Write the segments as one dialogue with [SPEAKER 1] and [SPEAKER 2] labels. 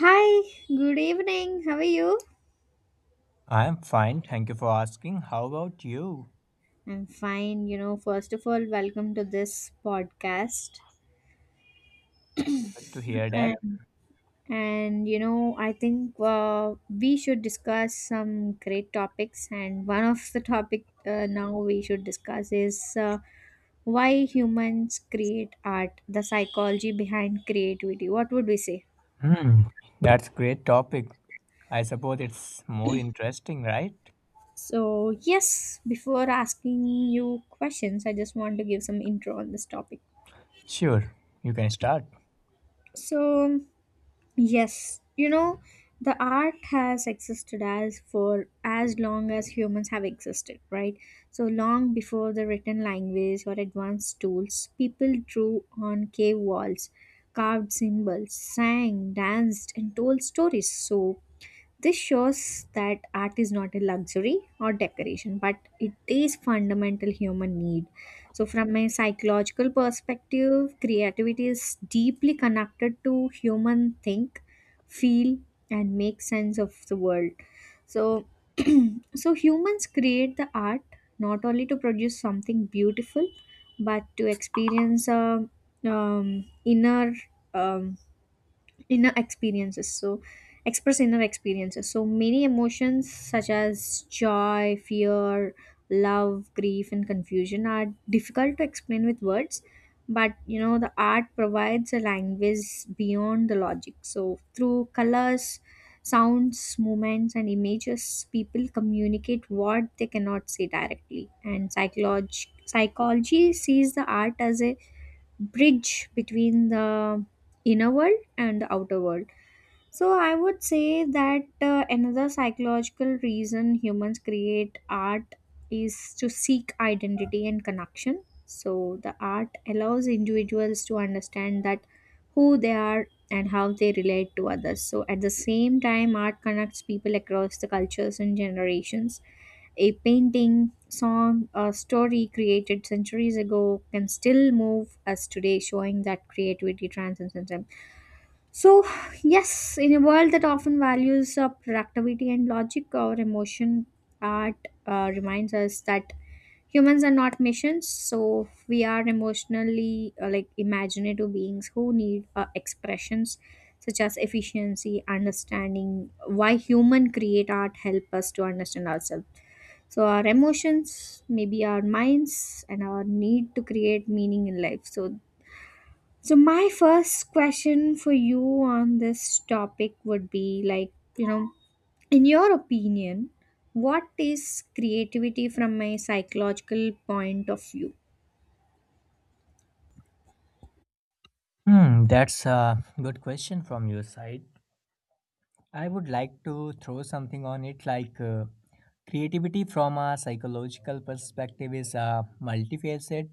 [SPEAKER 1] Hi, good evening. How are you?
[SPEAKER 2] I'm fine, thank you for asking. How about you?
[SPEAKER 1] I'm fine. You know, first of all, welcome to this podcast.
[SPEAKER 2] Good to hear
[SPEAKER 1] Yeah.
[SPEAKER 2] that.
[SPEAKER 1] And you know, I think we should discuss some great topics. And one of the topic now we should discuss is why humans create art, the psychology behind creativity. What would we say?
[SPEAKER 2] Hmm, that's great topic. I suppose it's more interesting, right?
[SPEAKER 1] So, yes, before asking you questions, I just want to give some intro on this topic.
[SPEAKER 2] Sure, you can start.
[SPEAKER 1] So, yes, you know, the art has existed as for as long as humans have existed, right? So long before the written language or advanced tools, people drew on cave walls, carved symbols, sang, danced, and told stories. So this shows that art is not a luxury or decoration, but it is fundamental human need. So, from a psychological perspective, creativity is deeply connected to human think, feel, and make sense of the world. So, so humans create the art not only to produce something beautiful, but to experience a inner um, inner experiences so express inner experiences, so many emotions such as joy, fear, love, grief, and confusion are difficult to explain with words. But you know, the art provides a language beyond the logic. So through colors, sounds, movements, and images, people communicate what they cannot say directly. And psychology sees the art as a bridge between the inner world and the outer world. So I would say that another psychological reason humans create art is to seek identity and connection. So the art allows individuals to understand that who they are and how they relate to others. So at the same time, art connects people across the cultures and generations. A painting, song, or story created centuries ago can still move us today, showing that creativity transcends time. So, yes, in a world that often values productivity and logic over emotion, art reminds us that humans are not machines. So, we are emotionally like imaginative beings who need expressions such as efficiency. Understanding why human create art help us to understand ourselves. So our emotions, maybe our minds, and our need to create meaning in life. So, so my first question for you on this topic would be like, you know, in your opinion, what is creativity from a psychological point of view?
[SPEAKER 2] Hmm, that's a good question from your side. I would like to throw something on it like creativity from a psychological perspective is a multifaceted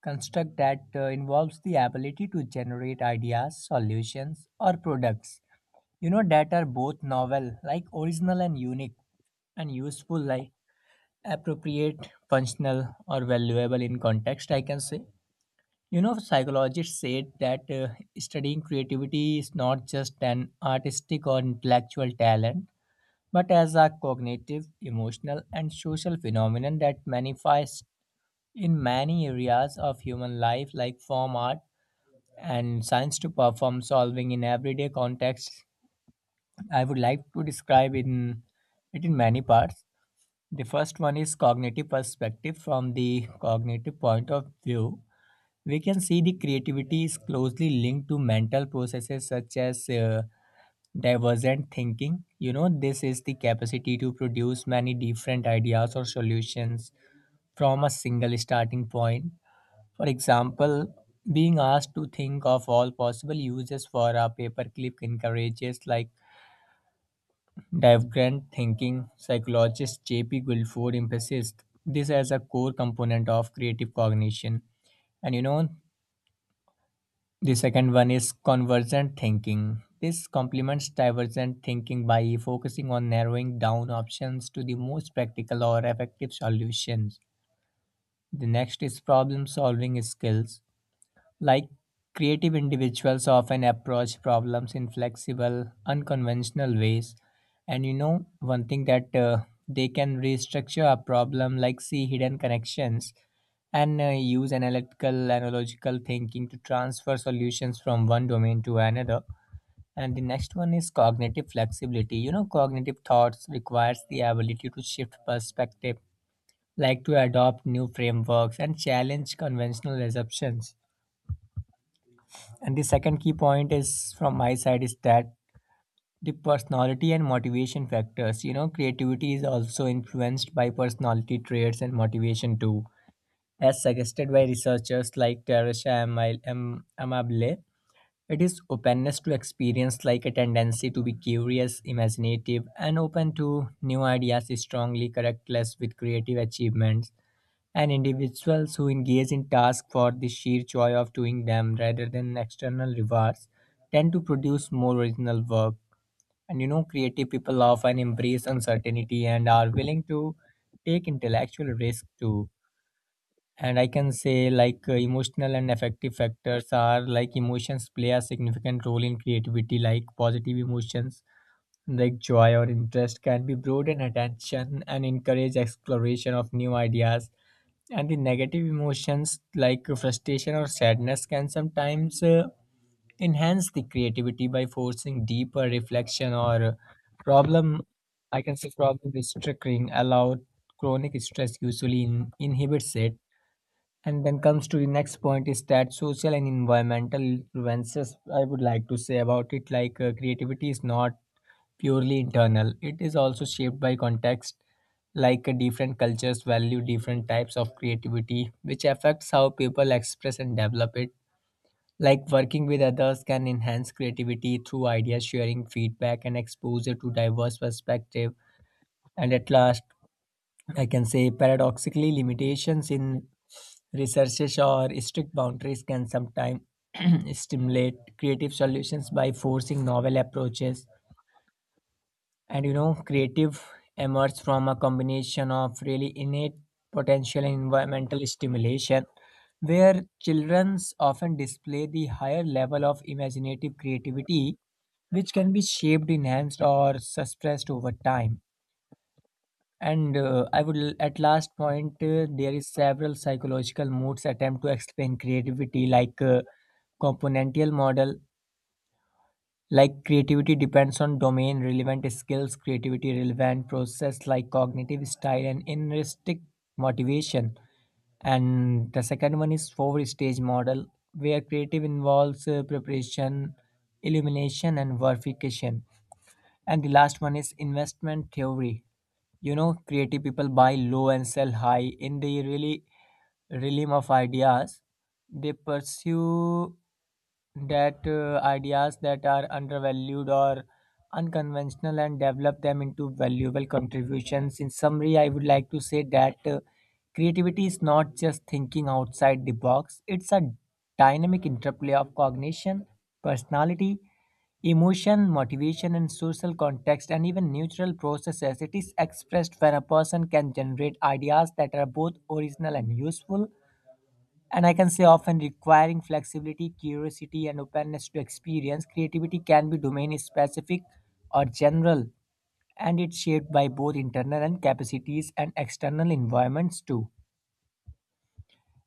[SPEAKER 2] construct that involves the ability to generate ideas, solutions, or products, you know, that are both novel, like original and unique, and useful, like appropriate, functional, or valuable in context, I can say. You know, psychologists said that studying creativity is not just an artistic or intellectual talent, but as a cognitive, emotional, and social phenomenon that manifests in many areas of human life, like form art and science to perform solving in everyday contexts. I would like to describe in it in many parts. The first one is cognitive perspective. From the cognitive point of view, we can see the creativity is closely linked to mental processes such as divergent thinking. You know, this is the capacity to produce many different ideas or solutions from a single starting point. For example, being asked to think of all possible uses for a paperclip encourages like divergent thinking. Psychologist J. P. Guilford emphasized this as a core component of creative cognition. And you know, the second one is convergent thinking. This complements divergent thinking by focusing on narrowing down options to the most practical or effective solutions. The next is problem solving skills. Like, creative individuals often approach problems in flexible, unconventional ways. And you know, one thing that they can restructure a problem, like see hidden connections, and use analytical, analogical thinking to transfer solutions from one domain to another. And the next one is cognitive flexibility. You know, cognitive thoughts requires the ability to shift perspective, like to adopt new frameworks and challenge conventional assumptions. And the second key point is from my side is that the personality and motivation factors. You know, creativity is also influenced by personality traits and motivation too, as suggested by researchers like Teresa Amabile. It is openness to experience, like a tendency to be curious, imaginative, and open to new ideas, is strongly correlate with creative achievements, and individuals who engage in tasks for the sheer joy of doing them rather than external rewards tend to produce more original work. And you know, creative people often embrace uncertainty and are willing to take intellectual risk too. And I can say, like, emotional and affective factors are like emotions play a significant role in creativity, like positive emotions. Like joy or interest can be broaden attention and encourage exploration of new ideas, and the negative emotions like frustration or sadness can sometimes enhance the creativity by forcing deeper reflection or problem, I can say problem restructuring allow chronic stress usually inhibits it. And then comes to the next point is that social and environmental influences. I would like to say about it like creativity is not purely internal. It is also shaped by context, like different cultures value different types of creativity, which affects how people express and develop it. Like working with others can enhance creativity through idea sharing, feedback, and exposure to diverse perspective. And at last, I can say paradoxically, limitations in researches or strict boundaries can sometimes stimulate creative solutions by forcing novel approaches. And you know, creative emerge from a combination of really innate potential and environmental stimulation, where children often display the higher level of imaginative creativity, which can be shaped, enhanced, or suppressed over time. And at last point, there is several psychological modes attempt to explain creativity, like componential model, like creativity depends on domain, relevant skills, creativity relevant process like cognitive style and intrinsic motivation. And the second one is four stage model where creative involves preparation, illumination, and verification. And the last one is investment theory. You know, creative people buy low and sell high in the really realm of ideas. They pursue that ideas that are undervalued or unconventional and develop them into valuable contributions. In summary, I would like to say that creativity is not just thinking outside the box. It's a dynamic interplay of cognition, personality, emotion, motivation, and social context, and even neutral processes. It is expressed when a person can generate ideas that are both original and useful, and I can say often requiring flexibility, curiosity, and openness to experience. Creativity can be domain specific or general, and it's shaped by both internal and capacities and external environments too.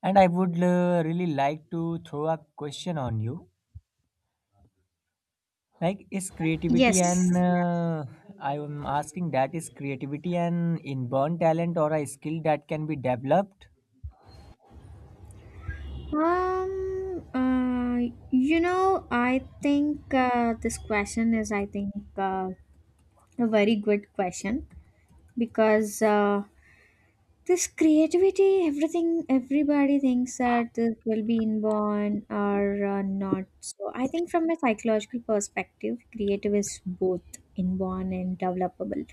[SPEAKER 2] And I would really like to throw a question on you. Like, is creativity
[SPEAKER 1] Yes.
[SPEAKER 2] and I'm asking that is creativity an inborn talent or a skill that can be developed?
[SPEAKER 1] Um. Uh. You know, I think this question is, I think, a very good question, because this creativity, everything, everybody thinks that this will be inborn or not. So I think from a psychological perspective, creative is both inborn and developable.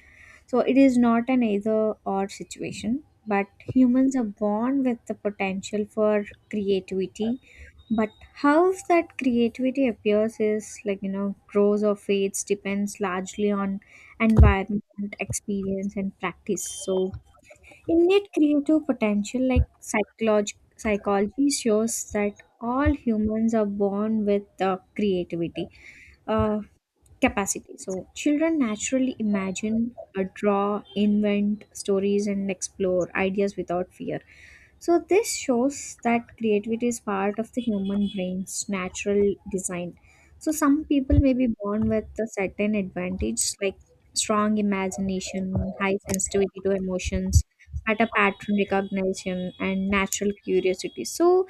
[SPEAKER 1] So it is not an either or situation, but humans are born with the potential for creativity. But how that creativity appears is, like you know, grows or fades, depends largely on environment, experience, and practice. So innate creative potential, like psychology, shows that all humans are born with creativity uh, capacity. So, children naturally imagine, draw, invent stories, and explore ideas without fear. So, this shows that creativity is part of the human brain's natural design. So, some people may be born with a certain advantage, like strong imagination, high sensitivity to emotions, better pattern recognition, and natural curiosity. So,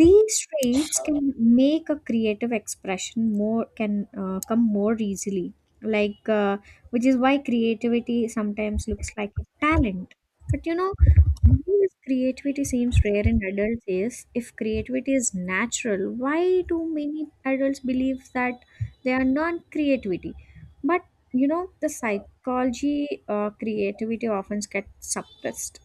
[SPEAKER 1] these traits can make a creative expression more can come more easily, like uh, which is why creativity sometimes looks like a talent. But you know, this creativity seems rare in adults. Is if creativity is natural, why do many adults believe that they are non-creativity? But you know, the psychology creativity often gets suppressed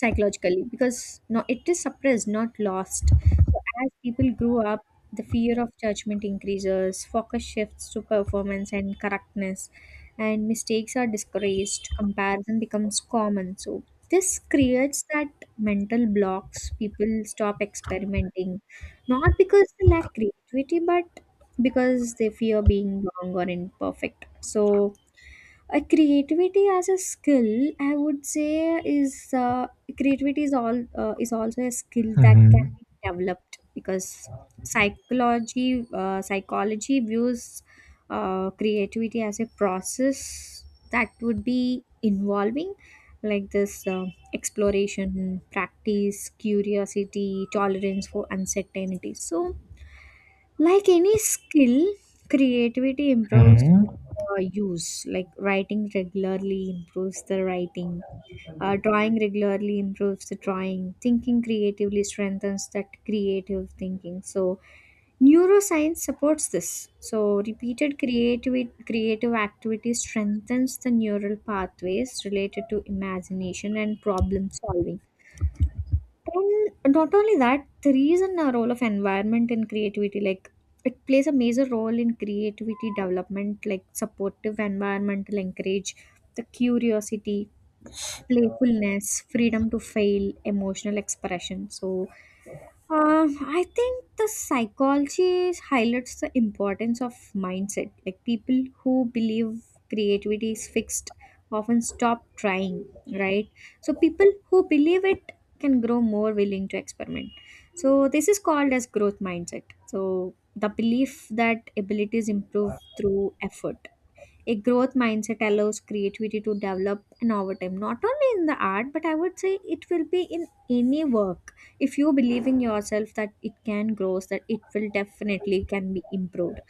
[SPEAKER 1] psychologically, because no, it is suppressed, not lost. So as people grow up, the fear of judgment increases, focus shifts to performance and correctness, and mistakes are discouraged, comparison becomes common. So this creates that mental blocks. People stop experimenting, not because they lack creativity, but because they fear being wrong or imperfect. So a creativity as a skill, I would say, is creativity is all is also a skill that can
[SPEAKER 2] Mhm.
[SPEAKER 1] be developed, because psychology views creativity as a process that would be involving like this exploration, practice, curiosity, tolerance for uncertainty. So like any skill, creativity improves
[SPEAKER 2] Hmm.
[SPEAKER 1] with use. Like writing regularly improves the writing. Drawing regularly improves the drawing. Thinking creatively strengthens that creative thinking. So, neuroscience supports this. So, repeated creative activity strengthens the neural pathways related to imagination and problem solving. And not only that, the reason a role of environment in creativity. Like it plays a major role in creativity development, like supportive environmental encourage the curiosity, playfulness, freedom to fail, emotional expression. So I think the psychology highlights the importance of mindset. Like people who believe creativity is fixed often stop trying, right? So people who believe it can grow more willing to experiment. So this is called as growth mindset. So the belief that abilities improve through effort, a growth mindset allows creativity to develop and over time, not only in the art, but I would say it will be in any work. If you believe in yourself that it can grow, that it will definitely can be improved.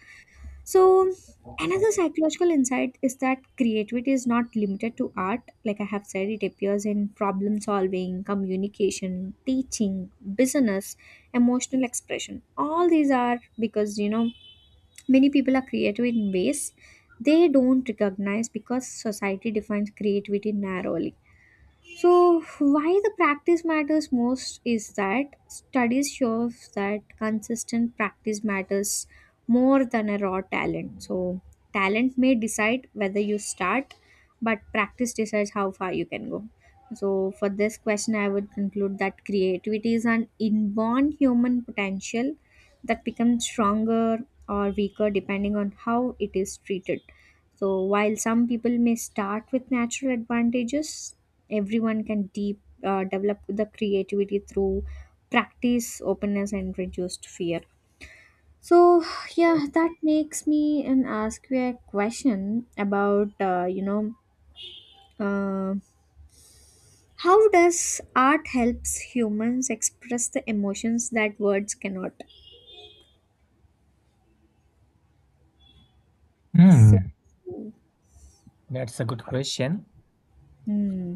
[SPEAKER 1] So another psychological insight is that creativity is not limited to art. Like I have said, it appears in problem solving, communication, teaching, business, emotional expression. All these are because you know, many people are creative in ways they don't recognize because society defines creativity narrowly. So, why the practice matters most is that studies show that consistent practice matters more than a raw talent. So, talent may decide whether you start, but practice decides how far you can go. So, for this question, I would conclude that creativity is an inborn human potential that becomes stronger or weaker depending on how it is treated. So, while some people may start with natural advantages, everyone can deep, develop the creativity through practice, openness, and reduced fear. So, yeah, that makes me and ask you a question about, you know, uh, how does art helps humans express the emotions that words cannot? So,
[SPEAKER 2] Hmm. That's a good question.
[SPEAKER 1] hmm.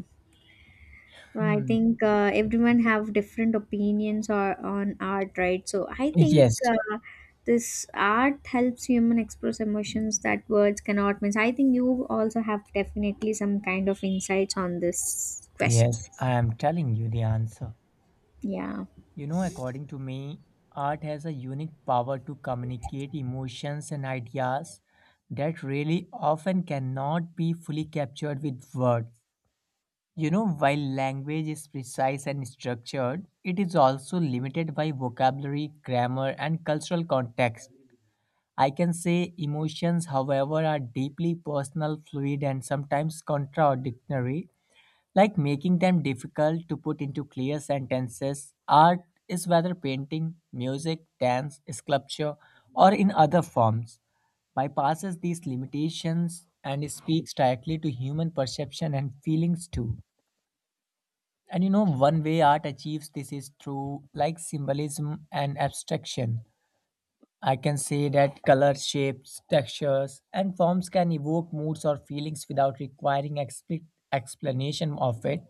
[SPEAKER 1] So, I
[SPEAKER 2] Hmm.
[SPEAKER 1] think everyone have different opinions or on art, right? So I think
[SPEAKER 2] Yes,
[SPEAKER 1] this art helps human express emotions that words cannot. Means I think you also have definitely some kind of insights on this question.
[SPEAKER 2] yes, I am telling you the answer.
[SPEAKER 1] Yeah.
[SPEAKER 2] You know, according to me, art has a unique power to communicate emotions and ideas that really often cannot be fully captured with words. You know, while language is precise and structured, it is also limited by vocabulary, grammar, and cultural context. I can say emotions, however, are deeply personal, fluid, and sometimes contradictory, like making them difficult to put into clear sentences. Art is whether painting, music, dance, sculpture, or in other forms, bypasses these limitations and speaks directly to human perception and feelings too. And you know, one way art achieves this is through like symbolism and abstraction. I can say that color, shapes, textures, and forms can evoke moods or feelings without requiring explanation of it.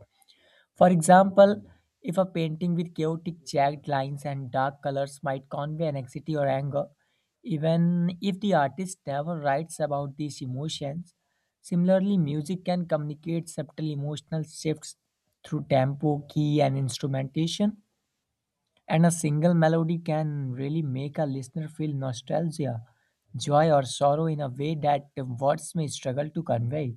[SPEAKER 2] For example, if a painting with chaotic jagged lines and dark colors might convey anxiety or anger, even if the artist never writes about these emotions. Similarly, music can communicate subtle emotional shifts through tempo, key, and instrumentation, and a single melody can really make a listener feel nostalgia, joy, or sorrow in a way that words may struggle to convey.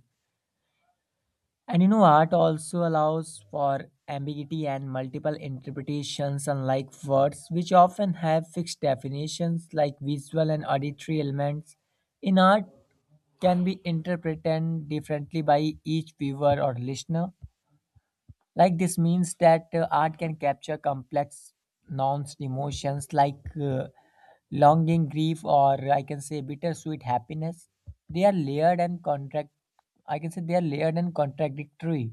[SPEAKER 2] And you know, art also allows for ambiguity and multiple interpretations, unlike words, which often have fixed definitions like visual and auditory elements. In art, can be interpreted differently by each viewer or listener, like this means that art can capture complex nuanced emotions like longing, grief, or I can say bittersweet happiness. They are layered and contract, I can say they are layered and contradictory.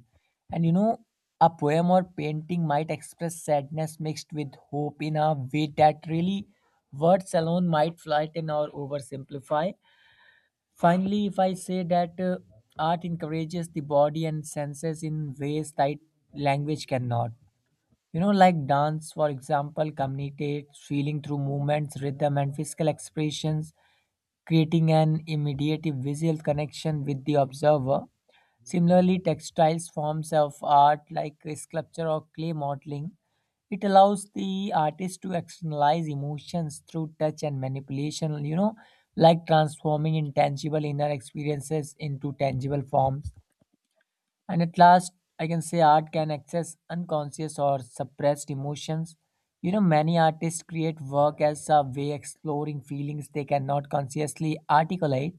[SPEAKER 2] And you know, a poem or painting might express sadness mixed with hope in a way that really words alone might flatten or oversimplify. Finally, if I say that art encourages the body and senses in ways that language cannot. You know, like dance, for example, communicates feeling through movements, rhythm, and physical expressions, creating an immediate visual connection with the observer. Similarly, textiles forms of art like sculpture or clay modeling. It allows the artist to externalize emotions through touch and manipulation, you know, like transforming intangible inner experiences into tangible forms. And at last, I can say art can access unconscious or suppressed emotions. You know, many artists create work as a way exploring feelings they cannot consciously articulate.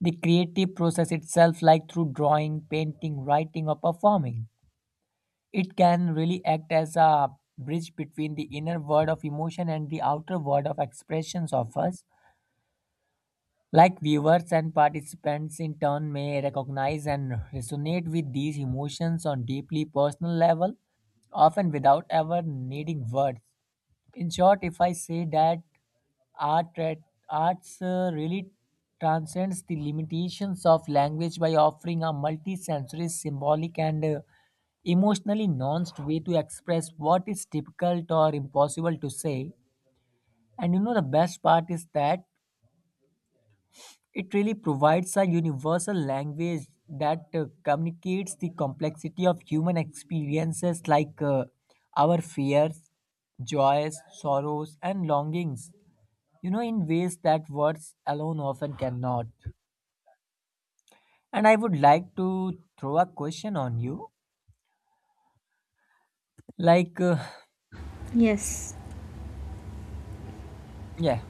[SPEAKER 2] The creative process itself, like through drawing, painting, writing, or performing, it can really act as a bridge between the inner world of emotion and the outer world of expressions of us. Like viewers and participants in turn may recognize and resonate with these emotions on deeply personal level, often without ever needing words. In short, if I say that art that arts really transcends the limitations of language by offering a multi-sensory, symbolic, and emotionally nuanced way to express what is difficult or impossible to say. And you know, the best part is that it really provides a universal language that communicates the complexity of human experiences like our fears, joys, sorrows, and longings, you know, in ways that words alone often cannot. And I would like to throw a question on you. Like,
[SPEAKER 1] Yes.
[SPEAKER 2] yeah,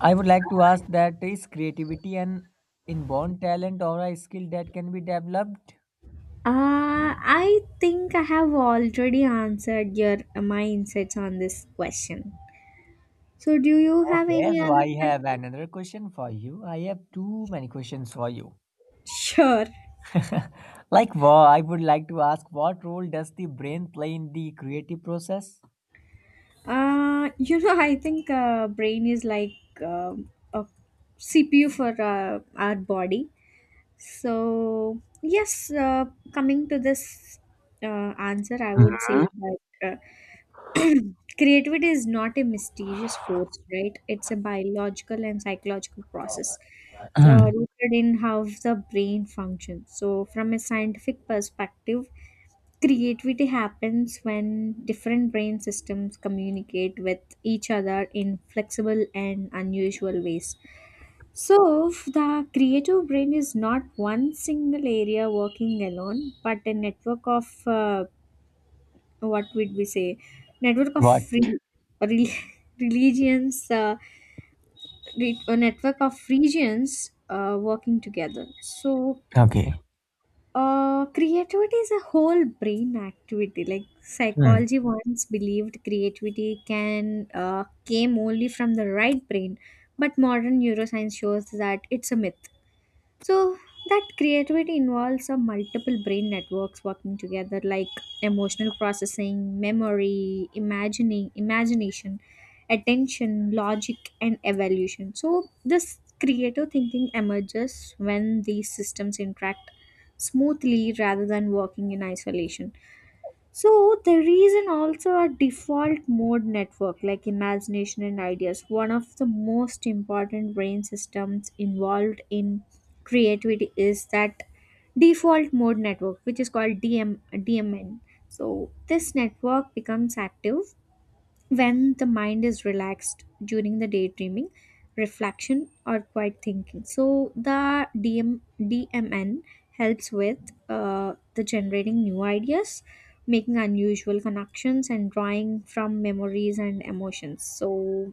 [SPEAKER 2] I would like to ask that is creativity an inborn talent or a skill that can be developed?
[SPEAKER 1] I think I have already answered your my insights on this question. So do you have
[SPEAKER 2] Okay,
[SPEAKER 1] any
[SPEAKER 2] so
[SPEAKER 1] other?
[SPEAKER 2] I have another question for you. I have too many questions for you.
[SPEAKER 1] Sure.
[SPEAKER 2] Like, I would like to ask, what role does the brain play in the creative process?
[SPEAKER 1] You know, I think brain is like a CPU for our body. So yes, coming to this answer, I would say that uh, creativity is not a mysterious force, right? It's a biological and psychological process. So rooted in how the brain functions. So from a scientific perspective, creativity happens when different brain systems communicate with each other in flexible and unusual ways. So, if the creative brain is not one single area working alone, but a network of what would we say? Network of
[SPEAKER 2] What?
[SPEAKER 1] free re- religions, uh, a network of regions working together. So,
[SPEAKER 2] Okay.
[SPEAKER 1] uh, creativity is a whole brain activity. Like
[SPEAKER 2] Hmm.
[SPEAKER 1] psychology once believed creativity can came only from the right brain, but modern neuroscience shows that it's a myth. So that creativity involves a multiple brain networks working together, like emotional processing, memory, imagining, imagination, attention, logic and evaluation. So this creative thinking emerges when these systems interact smoothly rather than working in isolation. So there is an also a default mode network like imagination and ideas. One of the most important brain systems involved in creativity is that default mode network, which is called DMN. So this network becomes active when the mind is relaxed during the daydreaming, reflection, or quiet thinking. So the DMN helps with the generating new ideas, making unusual connections, and drawing from memories and emotions. So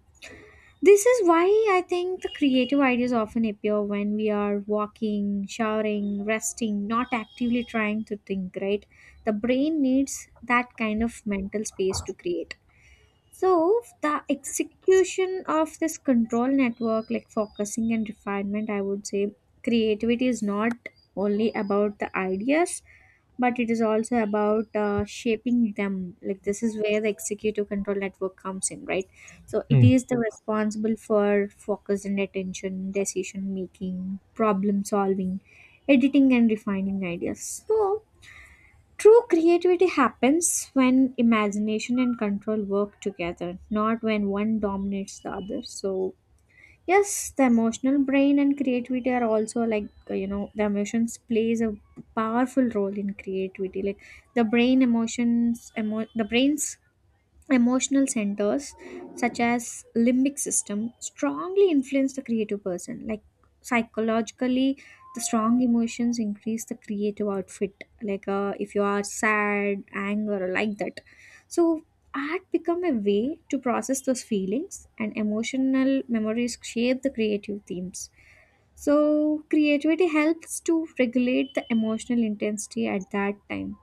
[SPEAKER 1] this is why I think the creative ideas often appear when we are walking, showering, resting, not actively trying to think, right? The brain needs that kind of mental space to create. So the execution of this control network, like focusing and refinement, I would say creativity is not only about the ideas, but it is also about shaping them. Like this is where the executive control network comes in, right? So it
[SPEAKER 2] Hmm.
[SPEAKER 1] is the responsible for focus and attention, decision making, problem solving, editing and refining ideas. So true creativity happens when imagination and control work together, not when one dominates the other. So, yes, the emotional brain and creativity are also you know, the emotions plays a powerful role in creativity. Like the brain's emotional centers such as limbic system strongly influence the creative person. Like psychologically, the strong emotions increase the creative outfit, if you are sad, anger, or like that. So art become a way to process those feelings, and emotional memories shape the creative themes. So creativity helps to regulate the emotional intensity at that time.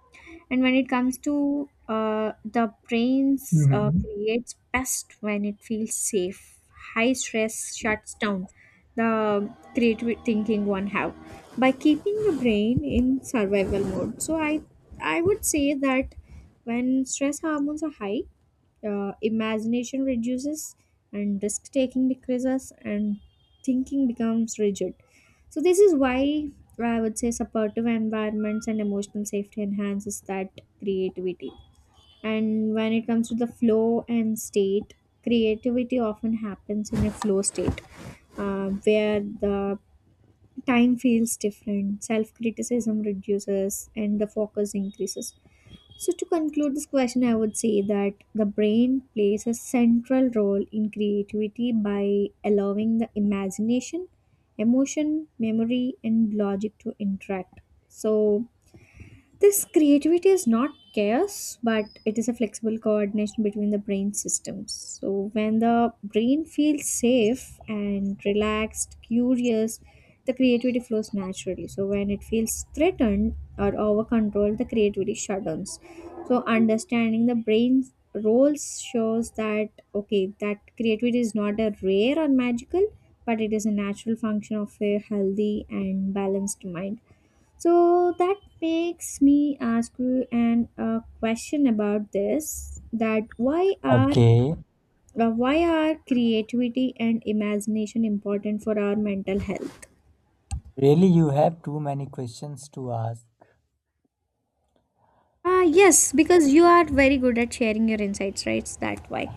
[SPEAKER 1] And when it comes to the brain's
[SPEAKER 2] Mhm.
[SPEAKER 1] creates best when it feels safe. High stress shuts down the creative thinking one have by keeping the brain in survival mode. So I would say that when stress hormones are high, imagination reduces and risk taking decreases and thinking becomes rigid. So this is why I would say supportive environments and emotional safety enhances that creativity. And when it comes to the flow and state, creativity often happens in a flow state, where the time feels different, self criticism reduces, and the focus increases. So, to conclude this question, I would say that the brain plays a central role in creativity by allowing the imagination, emotion, memory, and logic to interact. So, this creativity is not chaos, but it is a flexible coordination between the brain systems. So, when the brain feels safe and relaxed, curious, the creativity flows naturally. So, when it feels threatened or over controlled, the creativity shutdowns. So, understanding the brain's roles shows that okay, that creativity is not a rare or magical, but it is a natural function of a healthy and balanced mind. So that makes me ask you an a question about this, that
[SPEAKER 2] Okay.
[SPEAKER 1] why are creativity and imagination important for our mental health?
[SPEAKER 2] Really, you have too many questions to ask.
[SPEAKER 1] Ah, yes, because you are very good at sharing your insights, right? That why.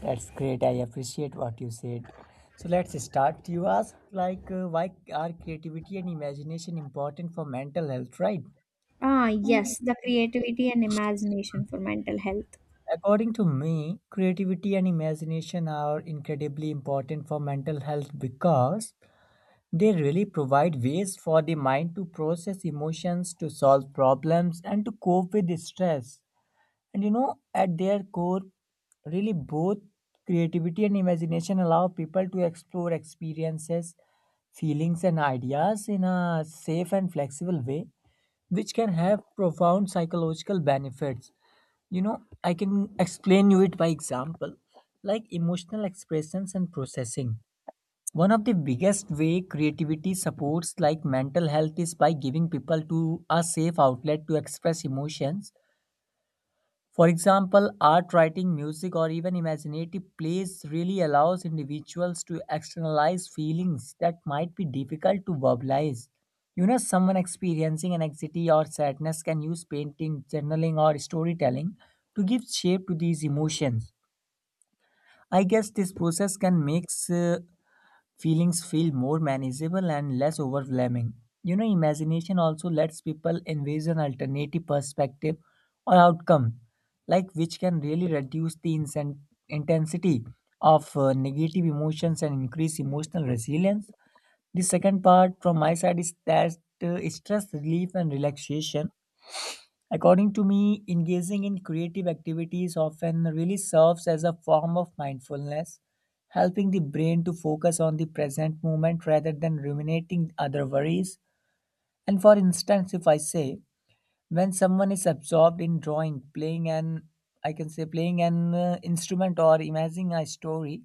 [SPEAKER 2] That's great. I appreciate what you said. So let's start. You asked, like, why are creativity and imagination important for mental health, right?
[SPEAKER 1] Ah yes, the creativity and imagination for mental health.
[SPEAKER 2] According to me, creativity and imagination are incredibly important for mental health because they really provide ways for the mind to process emotions, to solve problems, and to cope with stress. And you know, at their core, really both creativity and imagination allow people to explore experiences, feelings, and ideas in a safe and flexible way, which can have profound psychological benefits. You know, I can explain you it by example, like emotional expressions and processing. One of the biggest way creativity supports like mental health is by giving people to a safe outlet to express emotions for example, art, writing, music, or even imaginative plays really allows individuals to externalize feelings that might be difficult to verbalize. You know, someone experiencing anxiety or sadness can use painting, journaling, or storytelling to give shape to these emotions. I guess this process can make uh, Feelings feel more manageable and less overwhelming. You know, imagination also lets people envision alternative perspective or outcome, like which can really reduce the intensity of negative emotions and increase emotional resilience. The second part from my side is that stress relief and relaxation. According to me, engaging in creative activities often really serves as a form of mindfulness, helping the brain to focus on the present moment rather than ruminating other worries. And for instance, if I say, when someone is absorbed in drawing, playing an I can say playing an instrument or imagining a story,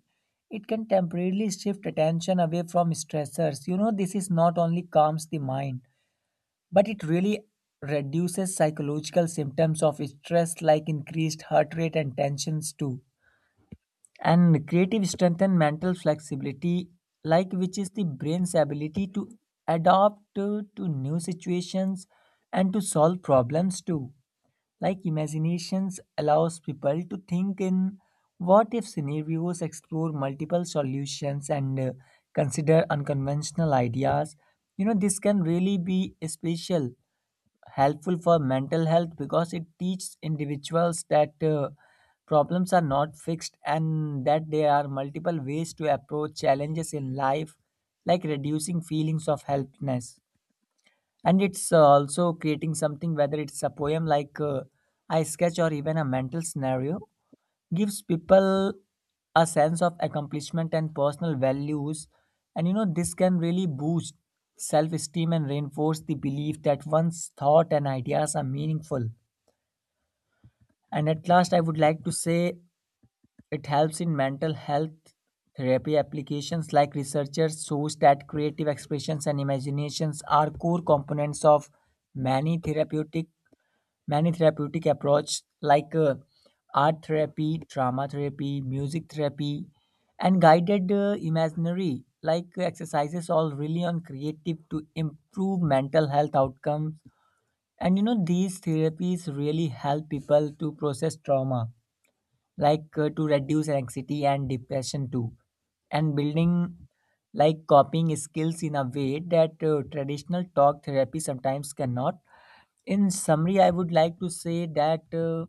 [SPEAKER 2] it can temporarily shift attention away from stressors. You know, this is not only calms the mind but it really reduces psychological symptoms of stress like increased heart rate and tensions too, and creative strength and mental flexibility, like which is the brain's ability to adapt to new situations and to solve problems too, like imaginations allows people to think in what if scenarios, explore multiple solutions and consider unconventional ideas. You know, this can really be special helpful for mental health because it teaches individuals that problems are not fixed and that there are multiple ways to approach challenges in life, like reducing feelings of helplessness. And it's also creating something, whether it's a poem like I sketch or even a mental scenario, gives people a sense of accomplishment and personal values. And you know this can really boost self esteem and reinforce the belief that one's thought and ideas are meaningful. And at last I would like to say it helps in mental health therapy applications, like researchers shows that creative expressions and imaginations are core components of many therapeutic many therapeutic approaches like art therapy, drama therapy, music therapy and guided imaginary like exercises all really on creative to improve mental health outcomes. And you know these therapies really help people to process trauma, like to reduce anxiety and depression too, and building like copying skills in a way that traditional talk therapy sometimes cannot. In summary I would like to say that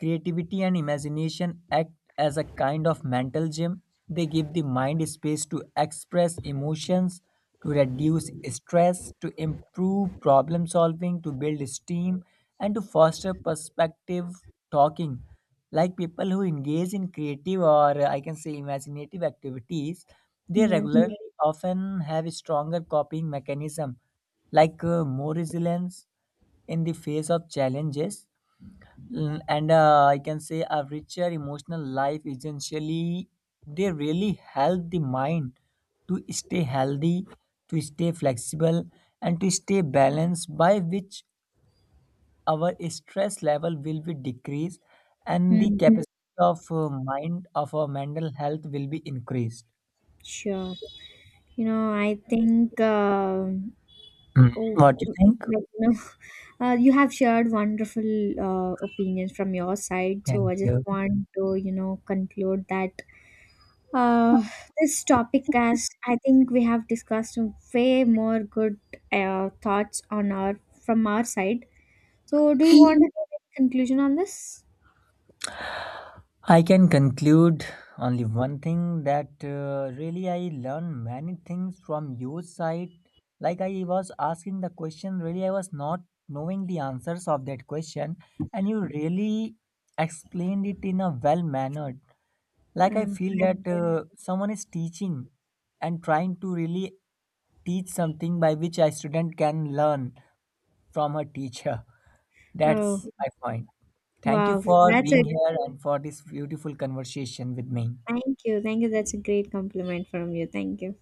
[SPEAKER 2] creativity and imagination act as a kind of mental gym. They give the mind space to express emotions, to reduce stress, to improve problem solving, to build esteem, and to foster perspective talking. Like people who engage in creative or I can say imaginative activities, they
[SPEAKER 1] Yes.
[SPEAKER 2] regularly often have a stronger coping mechanism, like more resilience in the face of challenges. And I can say a richer emotional life essentially. They really help the mind to stay healthy, to stay flexible, and to stay balanced. By which our stress level will be decreased, and the
[SPEAKER 1] Mm,
[SPEAKER 2] capacity of mind of our mental health will be increased.
[SPEAKER 1] sure. You know, I think um,
[SPEAKER 2] Mm.
[SPEAKER 1] oh,
[SPEAKER 2] What do you
[SPEAKER 1] mm,
[SPEAKER 2] think?
[SPEAKER 1] like, you know, you have shared wonderful opinions from your side. So
[SPEAKER 2] Thank
[SPEAKER 1] I just
[SPEAKER 2] you.
[SPEAKER 1] want to, you know, conclude that uh, this topic, as I think we have discussed way more good thoughts on our from our side. So do you want to give any conclusion on this?
[SPEAKER 2] I can conclude only one thing that really I learned many things from your side. Like I was asking the question, really I was not knowing the answers of that question, and you really explained it in a well mannered. Like I feel
[SPEAKER 1] Thank
[SPEAKER 2] that
[SPEAKER 1] you.
[SPEAKER 2] someone is teaching and trying to really teach something by which a student can learn from her teacher. That's
[SPEAKER 1] Oh,
[SPEAKER 2] my point. Thank you
[SPEAKER 1] wow.
[SPEAKER 2] for
[SPEAKER 1] That's a
[SPEAKER 2] being here and for this beautiful conversation with me.
[SPEAKER 1] thank you. Thank you. That's a great compliment from you. Thank you.